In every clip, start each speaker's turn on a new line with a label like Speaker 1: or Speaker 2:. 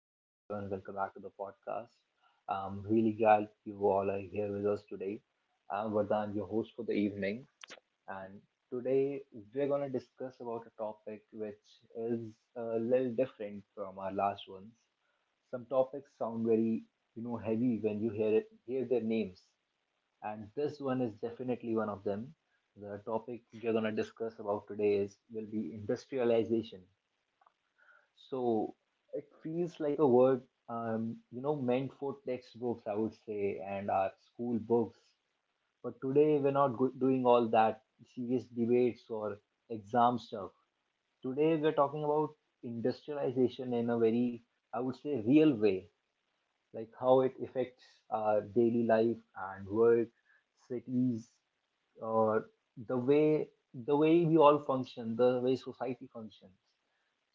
Speaker 1: hello everyone, welcome back to the podcast. I'm really glad you all are here with us today. I'm Vardhan, your host for the evening, and today we're gonna discuss about a topic which is a little different from our last ones. Some topics sound very, heavy when you hear their names, and this one is definitely one of them. The topic we're gonna discuss about today is will be industrialization. So it feels like a word, meant for textbooks, I would say, and our school books. But today we're not doing all that serious debates or exam stuff. Today we're talking about industrialization in a very, I would say, real way, like how it affects our daily life and work, cities, or the way the way we all function, the way society functions.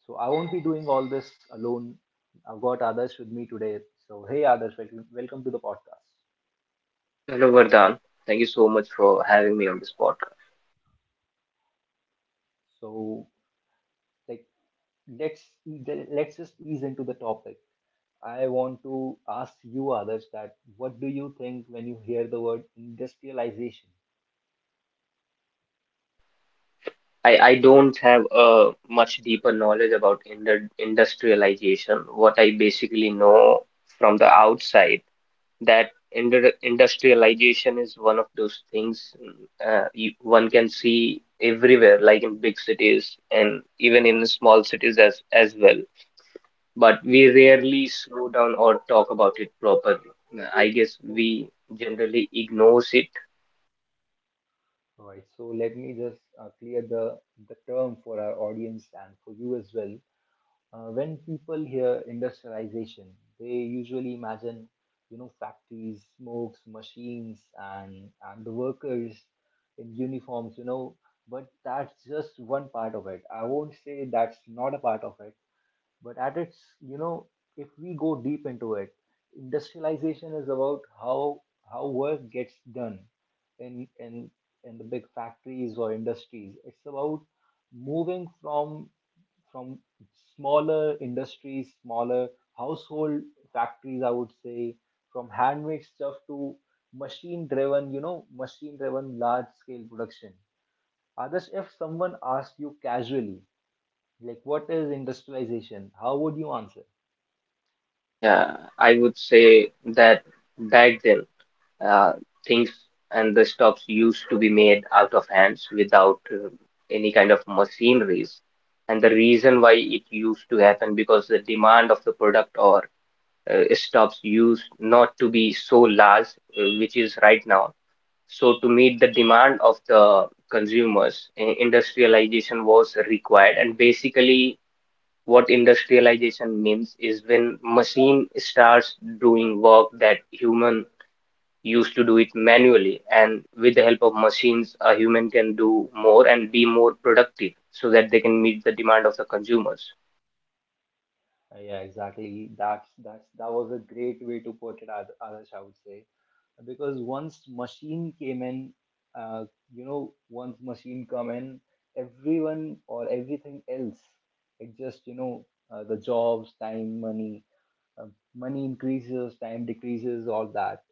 Speaker 1: So I won't be doing all this alone. I've got others with me today. So hey, others, welcome, welcome to the podcast.
Speaker 2: Hello, Vardhan. Thank you so much for having me on this podcast.
Speaker 1: So like, let's let's just ease into the topic. I want to ask you, others, that what do you think when you hear the word industrialization?
Speaker 2: I don't have a much deeper knowledge about industrialization. What I basically know from the outside that industrialization is one of those things one can see everywhere, like in big cities and even in small cities as well. But we
Speaker 1: Yeah.
Speaker 2: rarely slow down or talk about it properly. I guess
Speaker 1: So,
Speaker 2: we generally ignore it.
Speaker 1: all right. So let me just clear the term for our audience and for you as well. When people hear industrialization, they usually imagine, factories, smokes, machines, and the workers in uniforms. But that's just one part of it. I won't say that's not a part of it. But at its, if we go deep into it, industrialization is about how work gets done in in in the big factories or industries. It's about moving from smaller industries, smaller household factories, I would say, from handmade stuff to machine driven large scale production. Others, if someone asks you casually, like, what is industrialization? How would you answer?
Speaker 2: Yeah, I would say that back then, uh, things and the stuffs used to be made out of hands without any kind of machineries. And the reason why it used to happen because the demand of the product or stuffs used not to be so large, which is right now. So to meet the demand of the consumers, industrialization was required, and basically what industrialization means is when machine starts doing work that human used to do it manually, and with the help of machines, a human can do more and be more productive so that they can meet the demand of the consumers.
Speaker 1: Yeah, exactly. That was a great way to put it, Adarsh, I would say. Because once machine came in, uh, once machine come in, everyone or everything else, it just, the jobs, time, uh, money increases, time decreases, all that.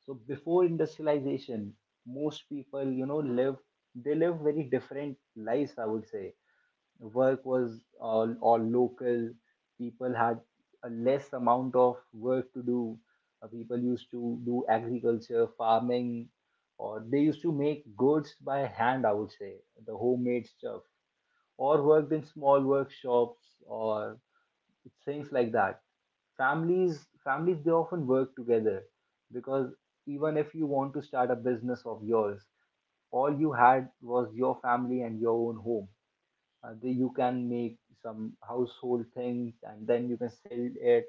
Speaker 1: So before industrialization, most people, live they live very different lives, I would say. Work was all local. People had a less amount of work to do. People used to do agriculture, farming, or they used to make goods by hand, I would say, the homemade stuff, or worked in small workshops or things like that. Families, they often work together because even if you want to start a business of yours, all you had was your family and your own home. You can make some household things and then you can sell it,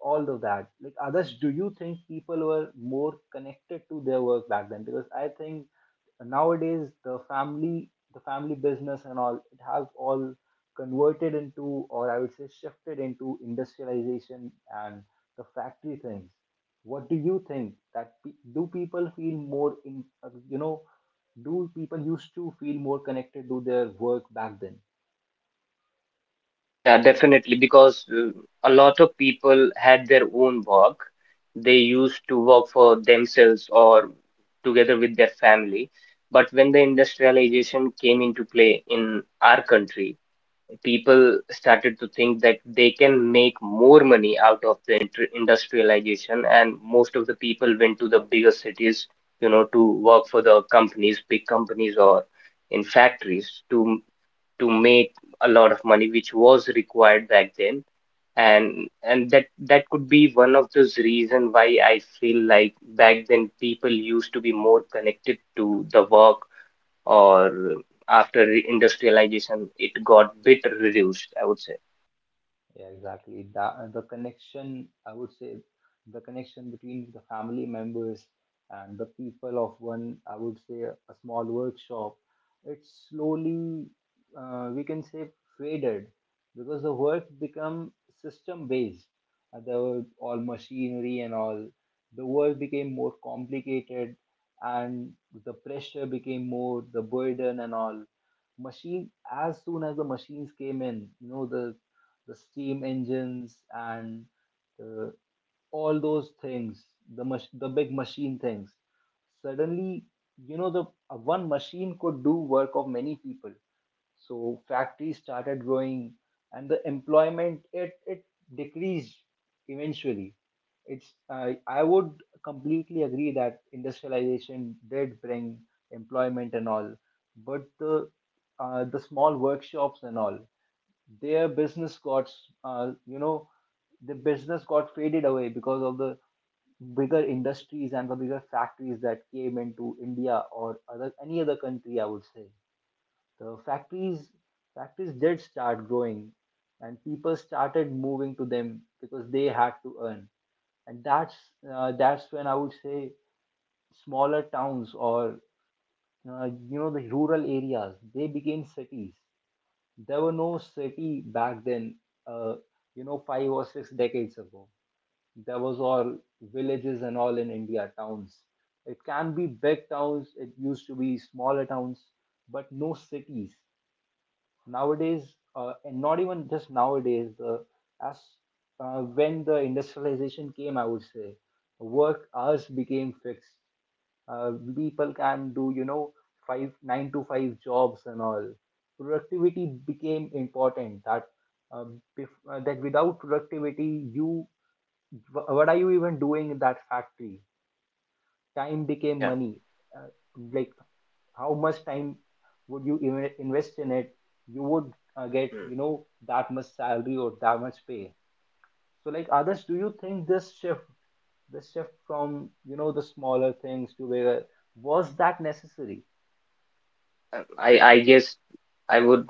Speaker 1: all of that. Like, others, do you think people were more connected to their work back then? Because I think nowadays the family, business and all, it has all converted into, or I would say shifted into, industrialization and the factory things. What do you think do people used to feel more connected to their work back then?
Speaker 2: Yeah, definitely, because a lot of people had their own work. They used to work for themselves or together with their family. But when the industrialization came into play in our country, people started to think that they can make more money out of the industrialization and most of the people went to the bigger cities, you know, to work for the companies, big companies, or in factories to make a lot of money which was required back then. And that could be one of those reason why I feel like back then people used to be more connected to the work, or after the industrialization it got bit reduced, I would say.
Speaker 1: Yeah, exactly. That the connection, I would say, the connection between the family members and the people of one, I would say, a small workshop, it slowly, we can say, faded because the work become system based. There were all machinery and all. The work became more complicated, and the pressure became more, the burden and all. Machine As soon as the machines came in, the steam engines and uh, all those things, the the big machine things. Suddenly, you know, the one machine could do work of many people. So factories started growing, and the employment it decreased eventually. It's I would completely agree that industrialization did bring employment and all, but the small workshops and all, their business got you know the business got faded away because of the bigger industries and the bigger factories that came into India or other any other country, I would say. The factories did start growing, and people started moving to them because they had to earn. And that's when, I would say, smaller towns or the rural areas, they became cities. There were no city back then, uh, five or six decades ago. There was all villages and all in India, towns. It can be big towns, it used to be smaller towns, but no cities nowadays, and not even just nowadays. The as When the industrialization came, I would say, work hours became fixed. People can do, five nine to five jobs and all. Productivity became important. That without productivity, what are you even doing in that factory? Time became
Speaker 2: Yeah.
Speaker 1: money. uh, like, how much time would you even invest in it? You would get,
Speaker 2: Hmm.
Speaker 1: that much salary or that much pay. So like, others, do you think this shift, from the smaller things to bigger, was that necessary?
Speaker 2: I guess I would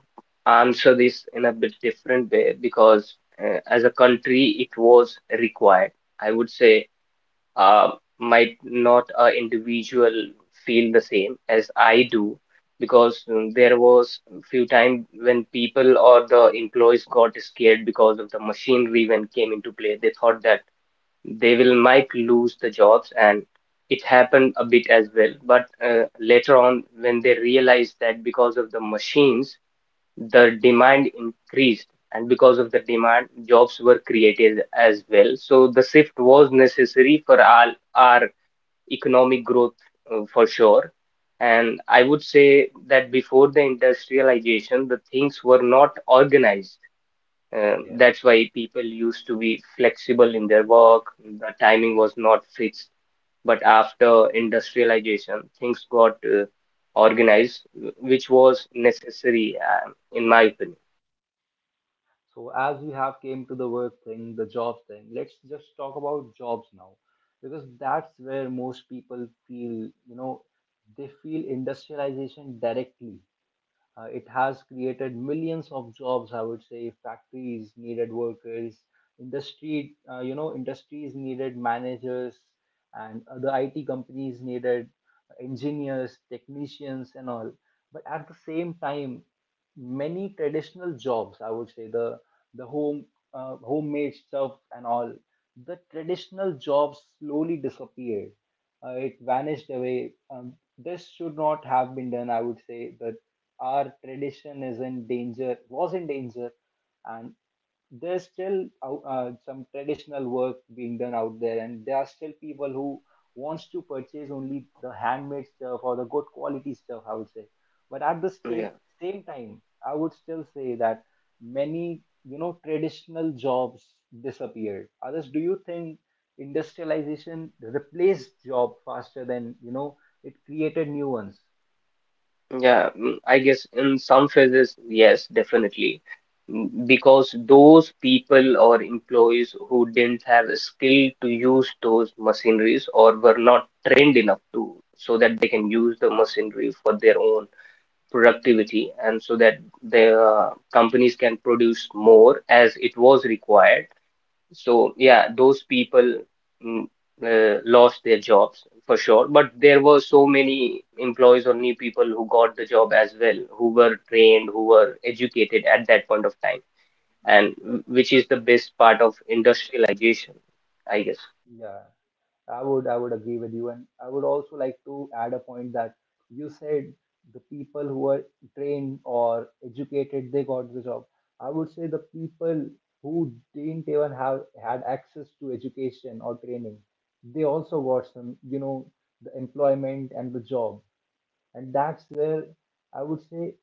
Speaker 2: answer this in a bit different way because as a country it was required, I would say. Uh, might not a individual feel the same as I do because there was few times when people or the employees got scared because of the machinery when came into play. They thought that they will might lose the jobs, and it happened a bit as well, but later on when they realized that because of the machines the demand increased, and because of the demand jobs were created as well. So the shift was necessary for our economic growth, for sure. And I would say that before the industrialization the things were not organized,
Speaker 1: Yeah.
Speaker 2: that's why people used to be flexible in their work. The timing was not fixed. But after industrialization, things got organized, which was necessary, in my opinion.
Speaker 1: So as we have came to the work thing, the job thing, let's just talk about jobs now, because that's where most people feel, you know, they feel industrialization directly. It has created millions of jobs, I would say. Factories needed workers, industries needed managers, and the IT companies needed engineers, technicians, and all. But at the same time, many traditional jobs, I would say, the homemade stuff and all, the traditional jobs slowly disappeared. It vanished away. This should not have been done, I would say. The Our tradition is in danger, was in danger, and there's still some traditional work being done out there, and there are still people who wants to purchase only the handmade stuff or the good quality stuff, I would say. But at the
Speaker 2: Yeah,
Speaker 1: same time, I would still say that many traditional jobs disappeared. Others, do you think industrialization replaced job faster than it created new ones?
Speaker 2: yeah. I guess in some phases, yes, definitely. Because those people or employees who didn't have a skill to use those machineries or were not trained enough to, so that they can use the machinery for their own productivity and so that the companies can produce more as it was required. So yeah, those people, mm, lost their jobs for sure, but there were so many employees or new people who got the job as well, who were trained, who were educated at that point of time, and which is the best part of industrialization, I guess.
Speaker 1: Yeah. I would agree with you, and I would also like to add a point that you said the people who are trained or educated, they got the job. I would say the people who didn't even have had access to education or training, they also got some, the employment and the job, and that's where, I would say,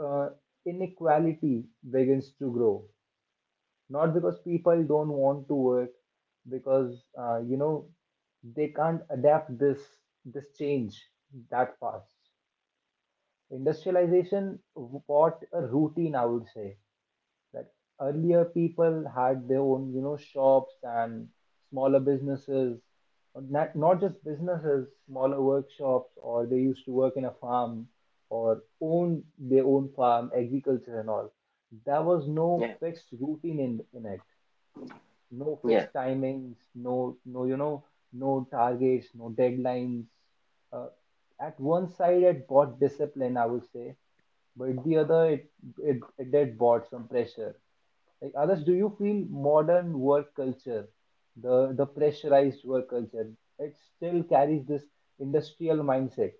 Speaker 1: uh, inequality begins to grow, not because people don't want to work, because they can't adapt this change that fast. Industrialization brought a routine, I would say. That earlier people had their own, shops and smaller businesses, not just businesses, smaller workshops, or they used to work in a farm or own their own farm, agriculture and all. There was no
Speaker 2: Yeah,
Speaker 1: fixed routine in it. No
Speaker 2: yeah.
Speaker 1: fixed timings, no, no, no targets, no deadlines. Uh, at one side, it brought discipline, I would say, but the other, it did brought some pressure. Like, others, do you feel modern work culture, the pressurized work culture, it still carries this industrial mindset?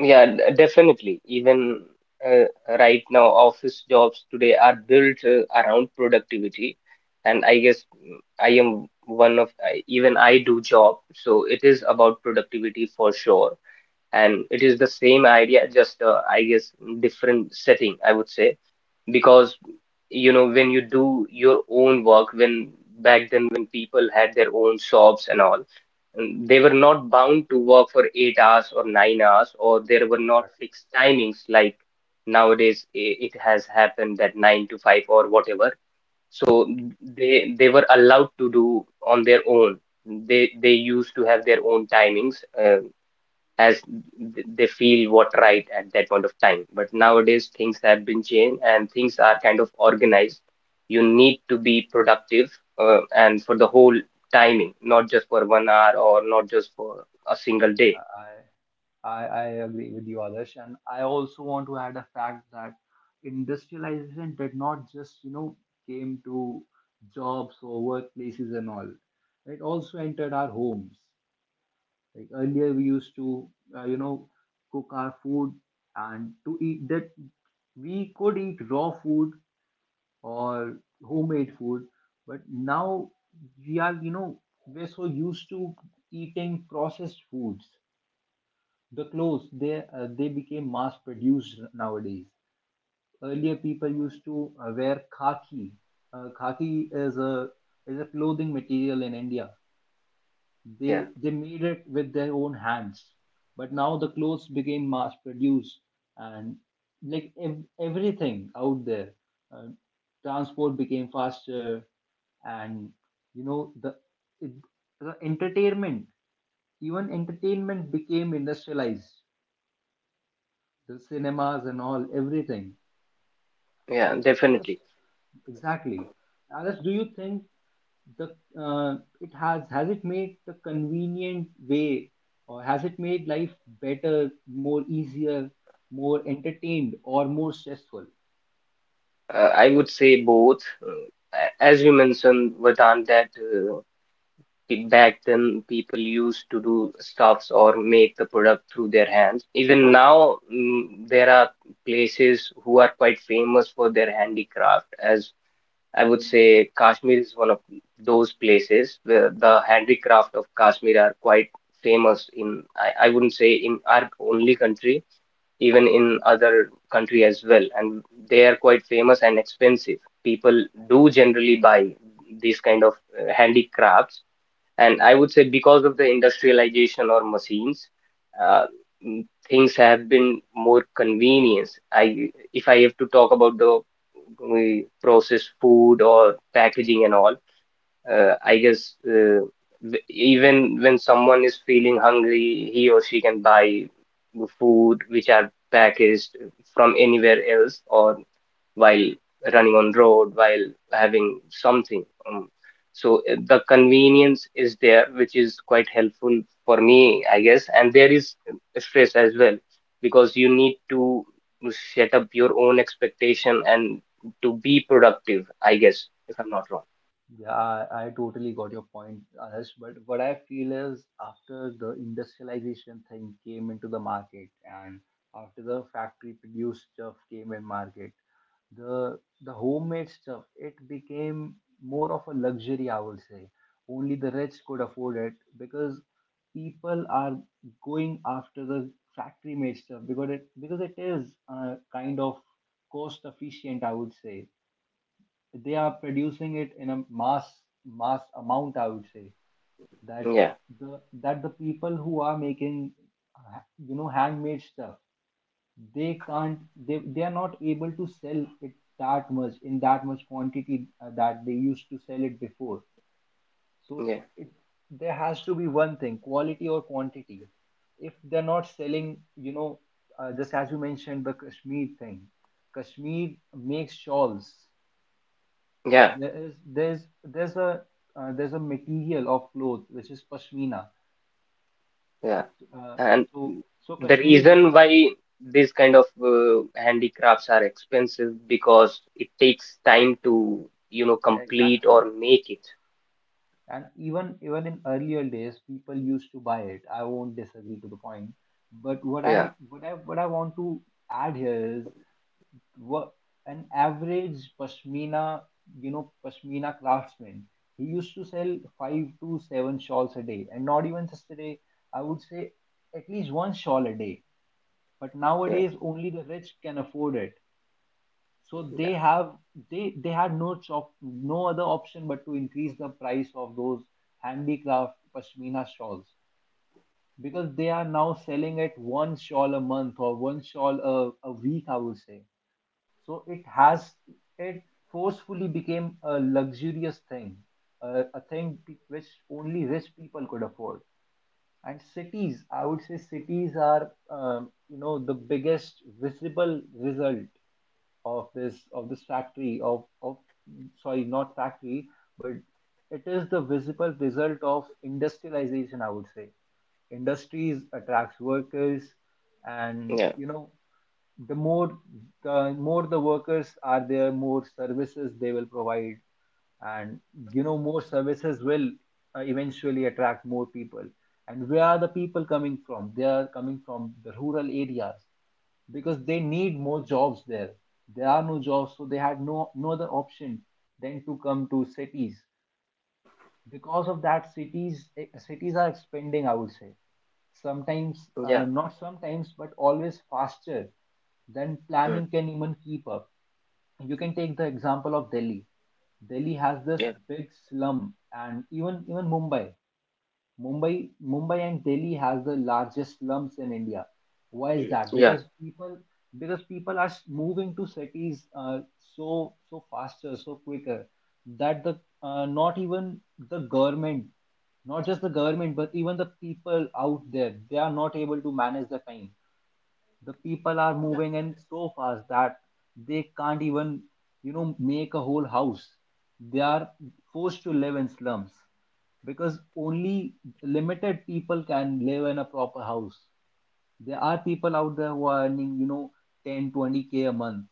Speaker 2: Yeah, definitely. Even uh, right now, office jobs today are built around productivity, and I guess I am one of I, even I do job, so it is about productivity for sure. And it is the same idea, just I guess different setting, I would say, because you know when you do your own work, when back then when people had their own shops and all, they were not bound to work for 8 hours or 9 hours, or there were not
Speaker 1: Exactly.
Speaker 2: fixed timings like nowadays. It has happened that 9 to 5 or whatever. So they were allowed to do on their own. They used to have their own timings. As they feel what right at that point of time. But nowadays, things have been changed and things are kind of organized. You need to be productive, and for the whole timing, not just for 1 hour or not just for a single day.
Speaker 1: I agree with you, Adarsh. And I also want to add a fact that industrialization did not just, came to jobs or workplaces and all. It also entered our homes. Like earlier, we used to, uh, you know, cook our food, and to eat that, we could eat raw food or homemade food. But now we are, we're so used to eating processed foods. The clothes, they became mass produced nowadays. Earlier people used to wear khaki. Khaki is a clothing material in India.
Speaker 2: Yeah,
Speaker 1: They made it with their own hands. But now the clothes became mass produced, and like, everything out there, uh, transport became faster, and the it, the entertainment even entertainment became industrialized, the cinemas and all, everything.
Speaker 2: yeah,
Speaker 1: Like, Adarsh,
Speaker 2: definitely.
Speaker 1: exactly. Adarsh, do you think the it has it made the convenient way, or has it made life better, more easier, more entertained, or more stressful?
Speaker 2: I would say both. As you mentioned, Vedant, that back then, people used to do stuffs or make the product through their hands. Even now, there are places who are quite famous for their handicraft. As I would say, Kashmir is one of those places where the handicraft of Kashmir are quite famous in, I wouldn't say in our only country, even in other country as well. And they are quite famous and expensive. People do generally buy these kind of handicrafts, and I would say because of the industrialization or machines, uh, things have been more convenience. I, if I have to talk about the we processed food or packaging and all, I guess even when someone is feeling hungry, he or she can buy the food which are packaged from anywhere else, or while running on road while having something, so the convenience is there which is quite helpful for me, I guess. And there is stress as well because you need to set up your own expectation and to be productive, I guess, if I'm not wrong.
Speaker 1: Yeah, I totally got your point, Adarsh. But what I feel is, after the industrialization thing came into the market and after the factory produced stuff came in market, the homemade stuff, it became more of a luxury, I would say. Only the rich could afford it because people are going after the factory made stuff because it is kind of cost efficient, I would say. They are producing it in a mass amount, I would say, that
Speaker 2: Yeah,
Speaker 1: that the people who are making uh, handmade stuff, they can't, they are not able to sell it that much, in that much quantity, that they used to sell it before. So
Speaker 2: yeah,
Speaker 1: it there has to be one thing, quality or quantity. If they're not selling, just as you mentioned, the Kashmir thing. Kashmir makes shawls.
Speaker 2: yeah,
Speaker 1: There is there's there's a uh, there's a material of cloth which is pashmina.
Speaker 2: yeah.
Speaker 1: Uh,
Speaker 2: And
Speaker 1: so
Speaker 2: the
Speaker 1: Kashmir
Speaker 2: reason
Speaker 1: makes.
Speaker 2: why these kind of handicrafts are expensive because it takes time to, you know,
Speaker 1: Yeah,
Speaker 2: complete
Speaker 1: exactly.
Speaker 2: or make it.
Speaker 1: And even in earlier days, people used to buy it. I won't disagree to the point. But what
Speaker 2: Yeah,
Speaker 1: I what I what I want to add here is, what an average pashmina you know pashmina craftsman, he used to sell five to seven shawls a day, and not even just a day. I would say at least one shawl a day. But
Speaker 2: yeah,
Speaker 1: nowadays only the rich can afford it, so they
Speaker 2: yeah,
Speaker 1: have they had no other option but to increase the price of those handicraft pashmina shawls, because they are now selling at one shawl a month or one shawl a week, I would say. So it forcefully became a luxurious thing, a thing which only rich people could afford. And cities, I would say, cities are, the biggest visible result of this, of this factory, of sorry, not factory, but it is the visible result of industrialization, I would say. Industries attracts workers, and
Speaker 2: yeah,
Speaker 1: the more the more the workers are there, more services they will provide. And more services will eventually attract more people. And where are the people coming from? They are coming from the rural areas, because they need more jobs there. There are no jobs, so they had no other option than to come to cities. Because of that, cities are expanding, I would say, sometimes,
Speaker 2: yeah,
Speaker 1: not sometimes, but always faster than
Speaker 2: mm,
Speaker 1: planning can even keep up. You can take the example of Delhi. Delhi has
Speaker 2: yeah,
Speaker 1: this
Speaker 2: mm,
Speaker 1: big slum, and even Mumbai. Mumbai and Delhi has the largest slums in India. Why is
Speaker 2: yeah,
Speaker 1: that?
Speaker 2: yeah,
Speaker 1: Because people are moving to cities, so faster, so quicker, that the not even the government, not just the government, but even the people out there, they are not able to manage the time. The people are moving in so fast that they can't even make a whole house. They are forced to live in slums, because only limited people can live in a proper house. There are people out there who are earning, you know, 10-20K a month.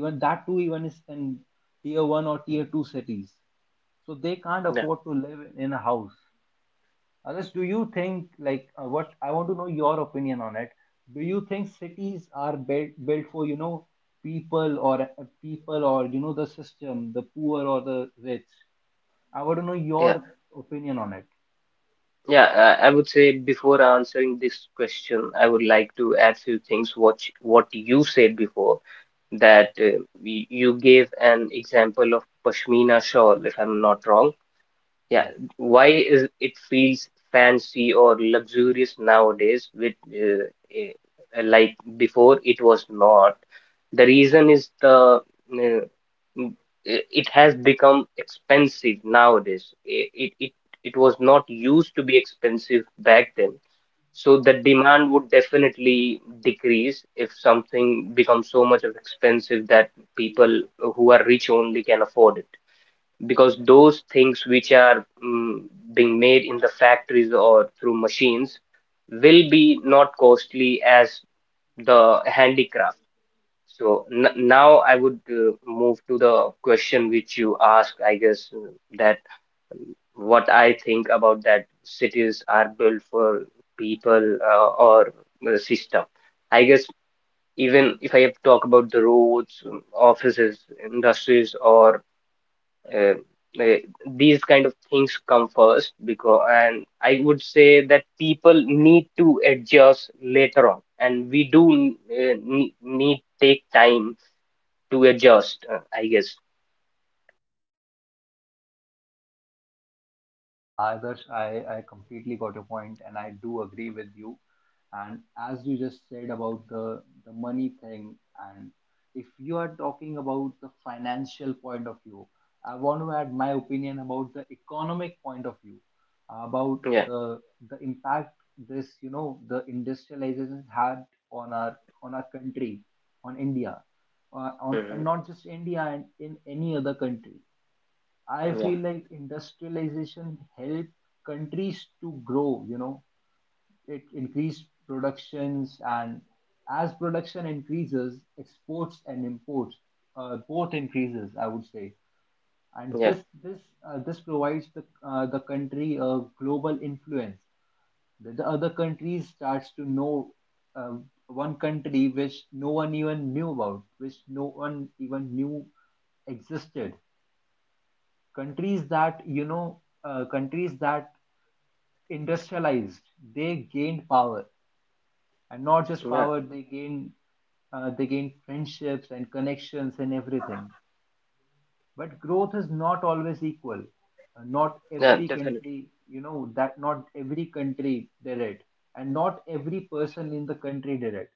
Speaker 1: Even that too, even is in tier 1 or tier 2 cities, so they can't
Speaker 2: yeah,
Speaker 1: afford to live in a house. Unless, do you think, like, what, I want to know your opinion on it. Do you think cities are built for, people, or people, or the system, the poor or the rich? I want to know
Speaker 2: yeah.
Speaker 1: your opinion on it.
Speaker 2: Yeah, I would say before answering this question, I would like to add few things what what you said before, that you gave an example of pashmina shawl, if I'm not wrong. Yeah,
Speaker 1: Yes.
Speaker 2: why is it feels fancy or luxurious nowadays with eh, like before it was not. The reason is the m- it has become expensive nowadays. It it was not used to be expensive back then. So the demand would definitely decrease if something becomes so much of expensive that people who are rich only can afford it, because those things which are being made in the factories or through machines will be not costly as the handicraft. So now I would move to the question which you asked, I guess, that what I think about that cities are built for people or system. I guess even if I have to talk about the roads, offices, industries, or uh, uh, these kind of things come first because, and I would say that people need to adjust later on, and we do need, need take time to adjust, I guess.
Speaker 1: Yeah, Adarsh, I completely got your point, and I do agree with you. And as you just said about the money thing, and if you are talking about the financial point of view, I want to add my opinion about the economic point of view, about
Speaker 2: Yeah.
Speaker 1: the impact the industrialization had on our, on our country, on India, on and
Speaker 2: Hmm.
Speaker 1: not just India and in any other country. I
Speaker 2: Yeah,
Speaker 1: feel like industrialization helped countries to grow. It increased productions, and as production increases, exports and imports both increases, I would say. And
Speaker 2: yeah,
Speaker 1: this provides the, the country a global influence. The other country starts to know uh, one country which no one even knew about, which no one even knew existed. Countries that you know countries that industrialized, they gained power. And not just
Speaker 2: yeah,
Speaker 1: power, they gained, friendships and connections and everything. But growth is not always equal. Not
Speaker 2: yeah.
Speaker 1: every
Speaker 2: Definitely.
Speaker 1: country, you know that not every country did it, and not every person in the country did it.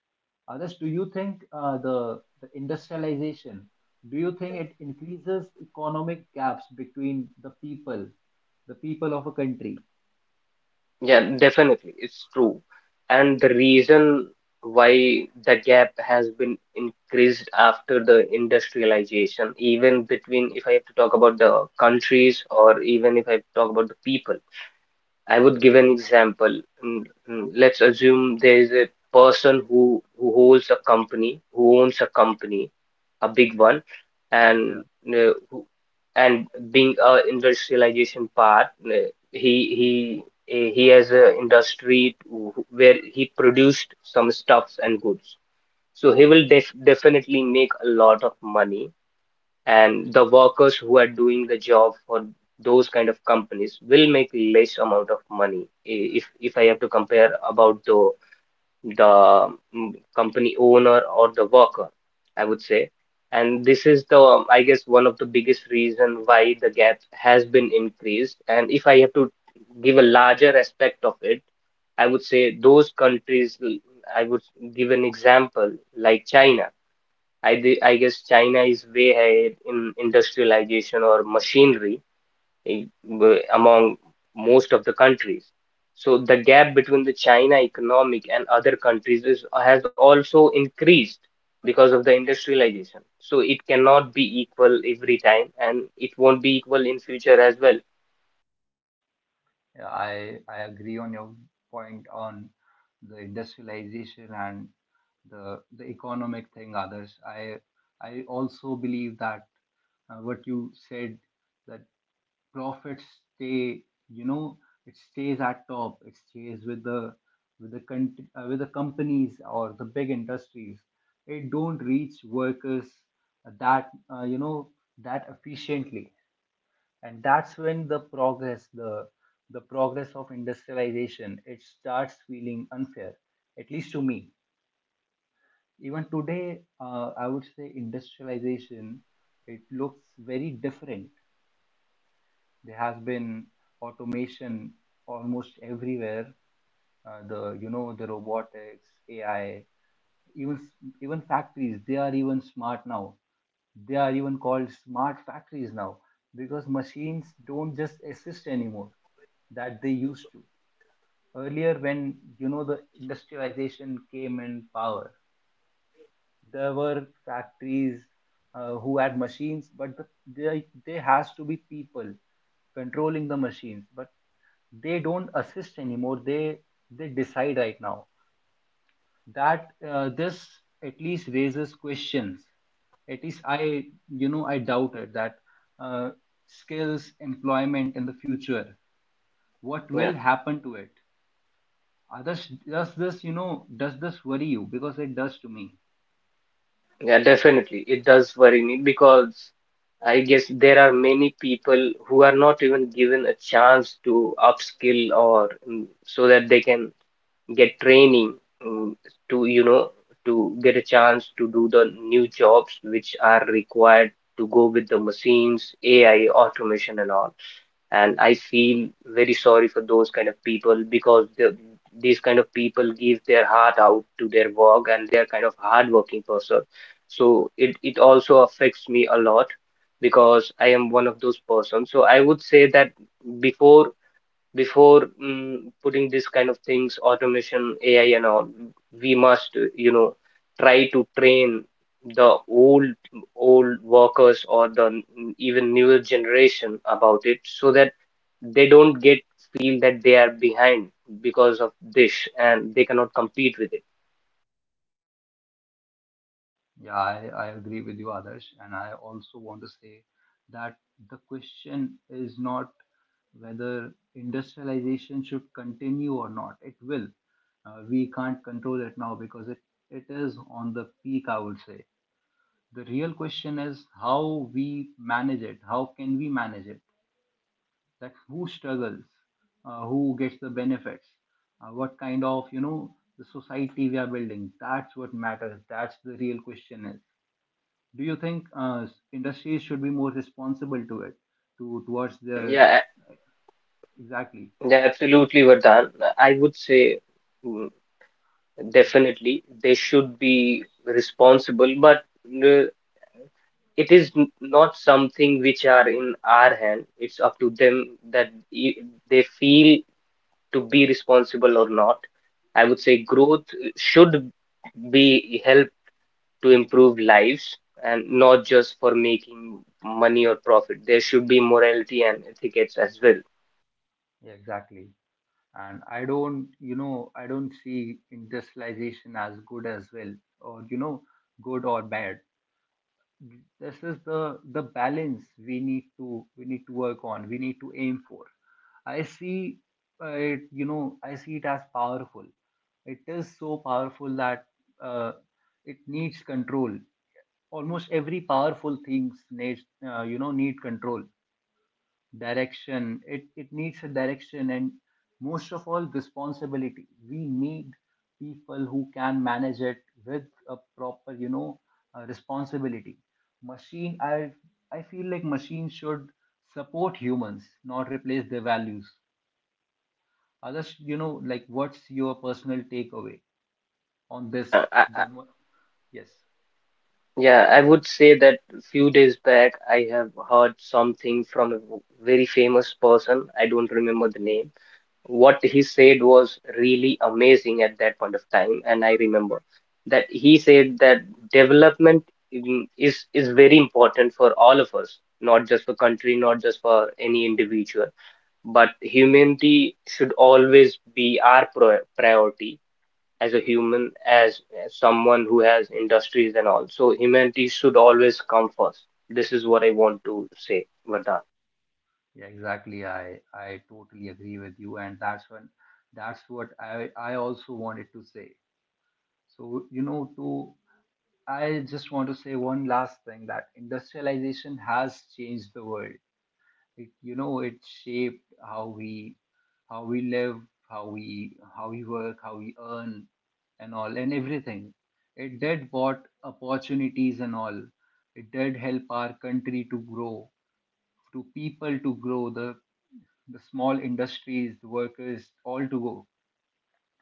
Speaker 1: Others, do you think, the industrialization, do you think it increases economic gaps between the people of a country?
Speaker 2: Yeah, definitely, it's true. And the reason why the gap has been increased after the industrialization, even between, if I have to talk about the countries, or even if I talk about the people. I would give an example. Let's assume there is a person who holds a company, who owns a company, a big one, and uh, who- and being a industrialization part, uh, he he he has a industry where he produced some stuffs and goods. So he will definitely make a lot of money, and the workers who are doing the job for those kind of companies will make less amount of money. If if I have to compare about the company owner or the worker, I would say. And this is the, I guess, one of the biggest reason why the gap has been increased. And if I have to give a larger aspect of it, I would say those countries, I would give an example like China. I guess China is way ahead in industrialization or machinery, eh, among most of the countries. So the gap between the China economic and other countries is, has also increased because of the industrialization. So it cannot be equal every time, and it won't be equal in future as well.
Speaker 1: Yeah, I agree on your point on the industrialization and the economic thing. Others, I also believe that, what you said, that profits stay you know it stays at top, it stays with the companies or the big industries. It don't reach workers that you know that efficiently. And that's when the progress, the progress of industrialization, it starts feeling unfair, at least to me. Even today, I would say industrialization, it looks very different. There has been automation almost everywhere. Uh, the you know the robotics, AI. Even even factories, they are even smart now. They are even called smart factories now, because machines don't just assist anymore, that they used to earlier, when, the industrialization came in power. There were factories, who had machines, but there has to be people controlling the machines. But they don't assist anymore, they decide right now. That this at least raises questions. At least I you know I doubt it, that uh, skills employment in the future, what
Speaker 2: Yeah.
Speaker 1: will happen to it? Others, does this worry you? Because it does to me.
Speaker 2: Yeah, definitely. It does worry me because I guess there are many people who are not even given a chance to upskill or so that they can get training, mm, to, you know, to get a chance to do the new jobs which are required to go with the machines, AI, automation, and all. And I feel very sorry for those kind of people because these kind of people give their heart out to their work and they're kind of hardworking person. So it also affects me a lot because I am one of those persons. So I would say that before before putting this kind of things, automation, AI and all, we must, you know, try to train the old workers or the even newer generation about it so that they don't get feel that they are behind because of this and they cannot compete with it.
Speaker 1: Yeah, I agree with you, Adarsh. And I also want to say that the question is not whether industrialization should continue or not. It will. We can't control it now, because it is on the peak, I would say. The real question is, how we manage it? How can we manage it? That who struggles, who gets the benefits, what kind of, the society we are building. That's what matters. That's the real question is, do you think industries should be more responsible to it, to towards
Speaker 2: Mm.
Speaker 1: their,
Speaker 2: Yeah,
Speaker 1: exactly.
Speaker 2: yeah, absolutely, Vardhan. I would say, mm, definitely they should be responsible, but uh, it is not something which are in our hand. It's up to them that they feel to be responsible or not. I would say growth should be helped to improve lives and not just for making money or profit. There should be morality and ethics as well.
Speaker 1: Yeah, exactly. And I don't see industrialization as good as well, or good or bad. This is the balance we need to, work on, we need to aim for. I see uh, it you know i see it as powerful. It is so powerful that, uh, it needs control. Almost every powerful things needs you know need control, direction. It needs a direction, and, most of all, responsibility. We need people who can manage it with a proper, responsibility. Machine i i feel like machines should support humans, not replace their values. Others, like, what's your personal takeaway on this?
Speaker 2: Yeah,
Speaker 1: the mo- yes.
Speaker 2: yeah, I would say that few days back I have heard something from a very famous person. I don't remember the name. What he said was really amazing at that point of time, and I remember that he said that development is very important for all of us, not just for country, not just for any individual, but humanity should always be our pro priority. As a human, as someone who has industries and all. So humanity should always come first. This is what I want to say, Vardhan.
Speaker 1: Yeah, exactly. I totally agree with you, and that's what I also wanted to say. So, you know, to I just want to say one last thing, that industrialization has changed the world. It shaped how we, live, how we, work, how we earn, and all, and everything. It did brought opportunities and all. It did help our country to grow, to people to grow, the small industries, the workers, all to go.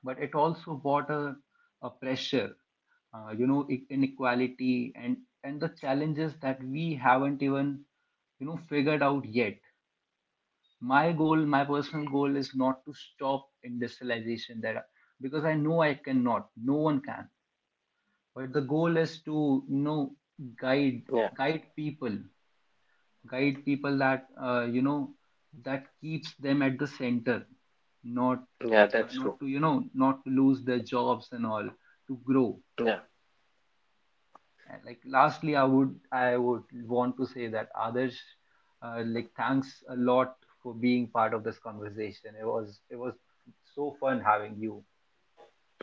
Speaker 1: But it also brought a pressure, inequality, and the challenges that we haven't even figured out yet. My goal, my personal goal, is not to stop industrialization, because I know I cannot, no one can. But the goal is to, guide
Speaker 2: Yeah,
Speaker 1: guide people guide people that you know that keeps them at the center, not,
Speaker 2: yeah, that's true.
Speaker 1: not to you know not to lose their jobs and all, to grow.
Speaker 2: Yeah,
Speaker 1: And, like, lastly, I would want to say that, others, like, thanks a lot for being part of this conversation. It was so fun having you.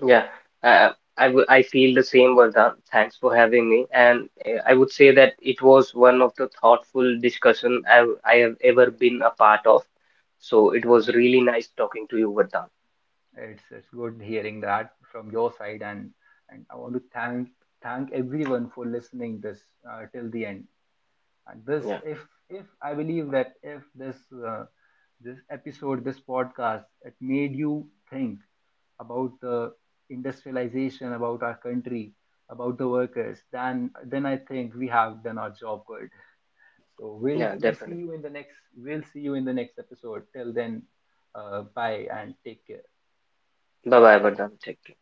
Speaker 2: yeah. Uh, I feel the same, Vardhan. Thanks for having me. And I would say that it was one of the thoughtful discussion I have ever been a part of. So it was
Speaker 1: uh,
Speaker 2: really nice talking to you, Vardhan.
Speaker 1: it's it's good hearing that from your side. And I want to thank everyone for listening this, till the end. And this,
Speaker 2: Yeah,
Speaker 1: if if I believe that, if uh, this episode, this podcast, it made you think about the industrialization, about our country, about the workers, then, I think we have done our job good. So we'll
Speaker 2: yeah,
Speaker 1: we'll
Speaker 2: definitely.
Speaker 1: see you in the next we'll see you in the next episode. Till then, bye and take care.
Speaker 2: Bye bye, Vardhan. Take care.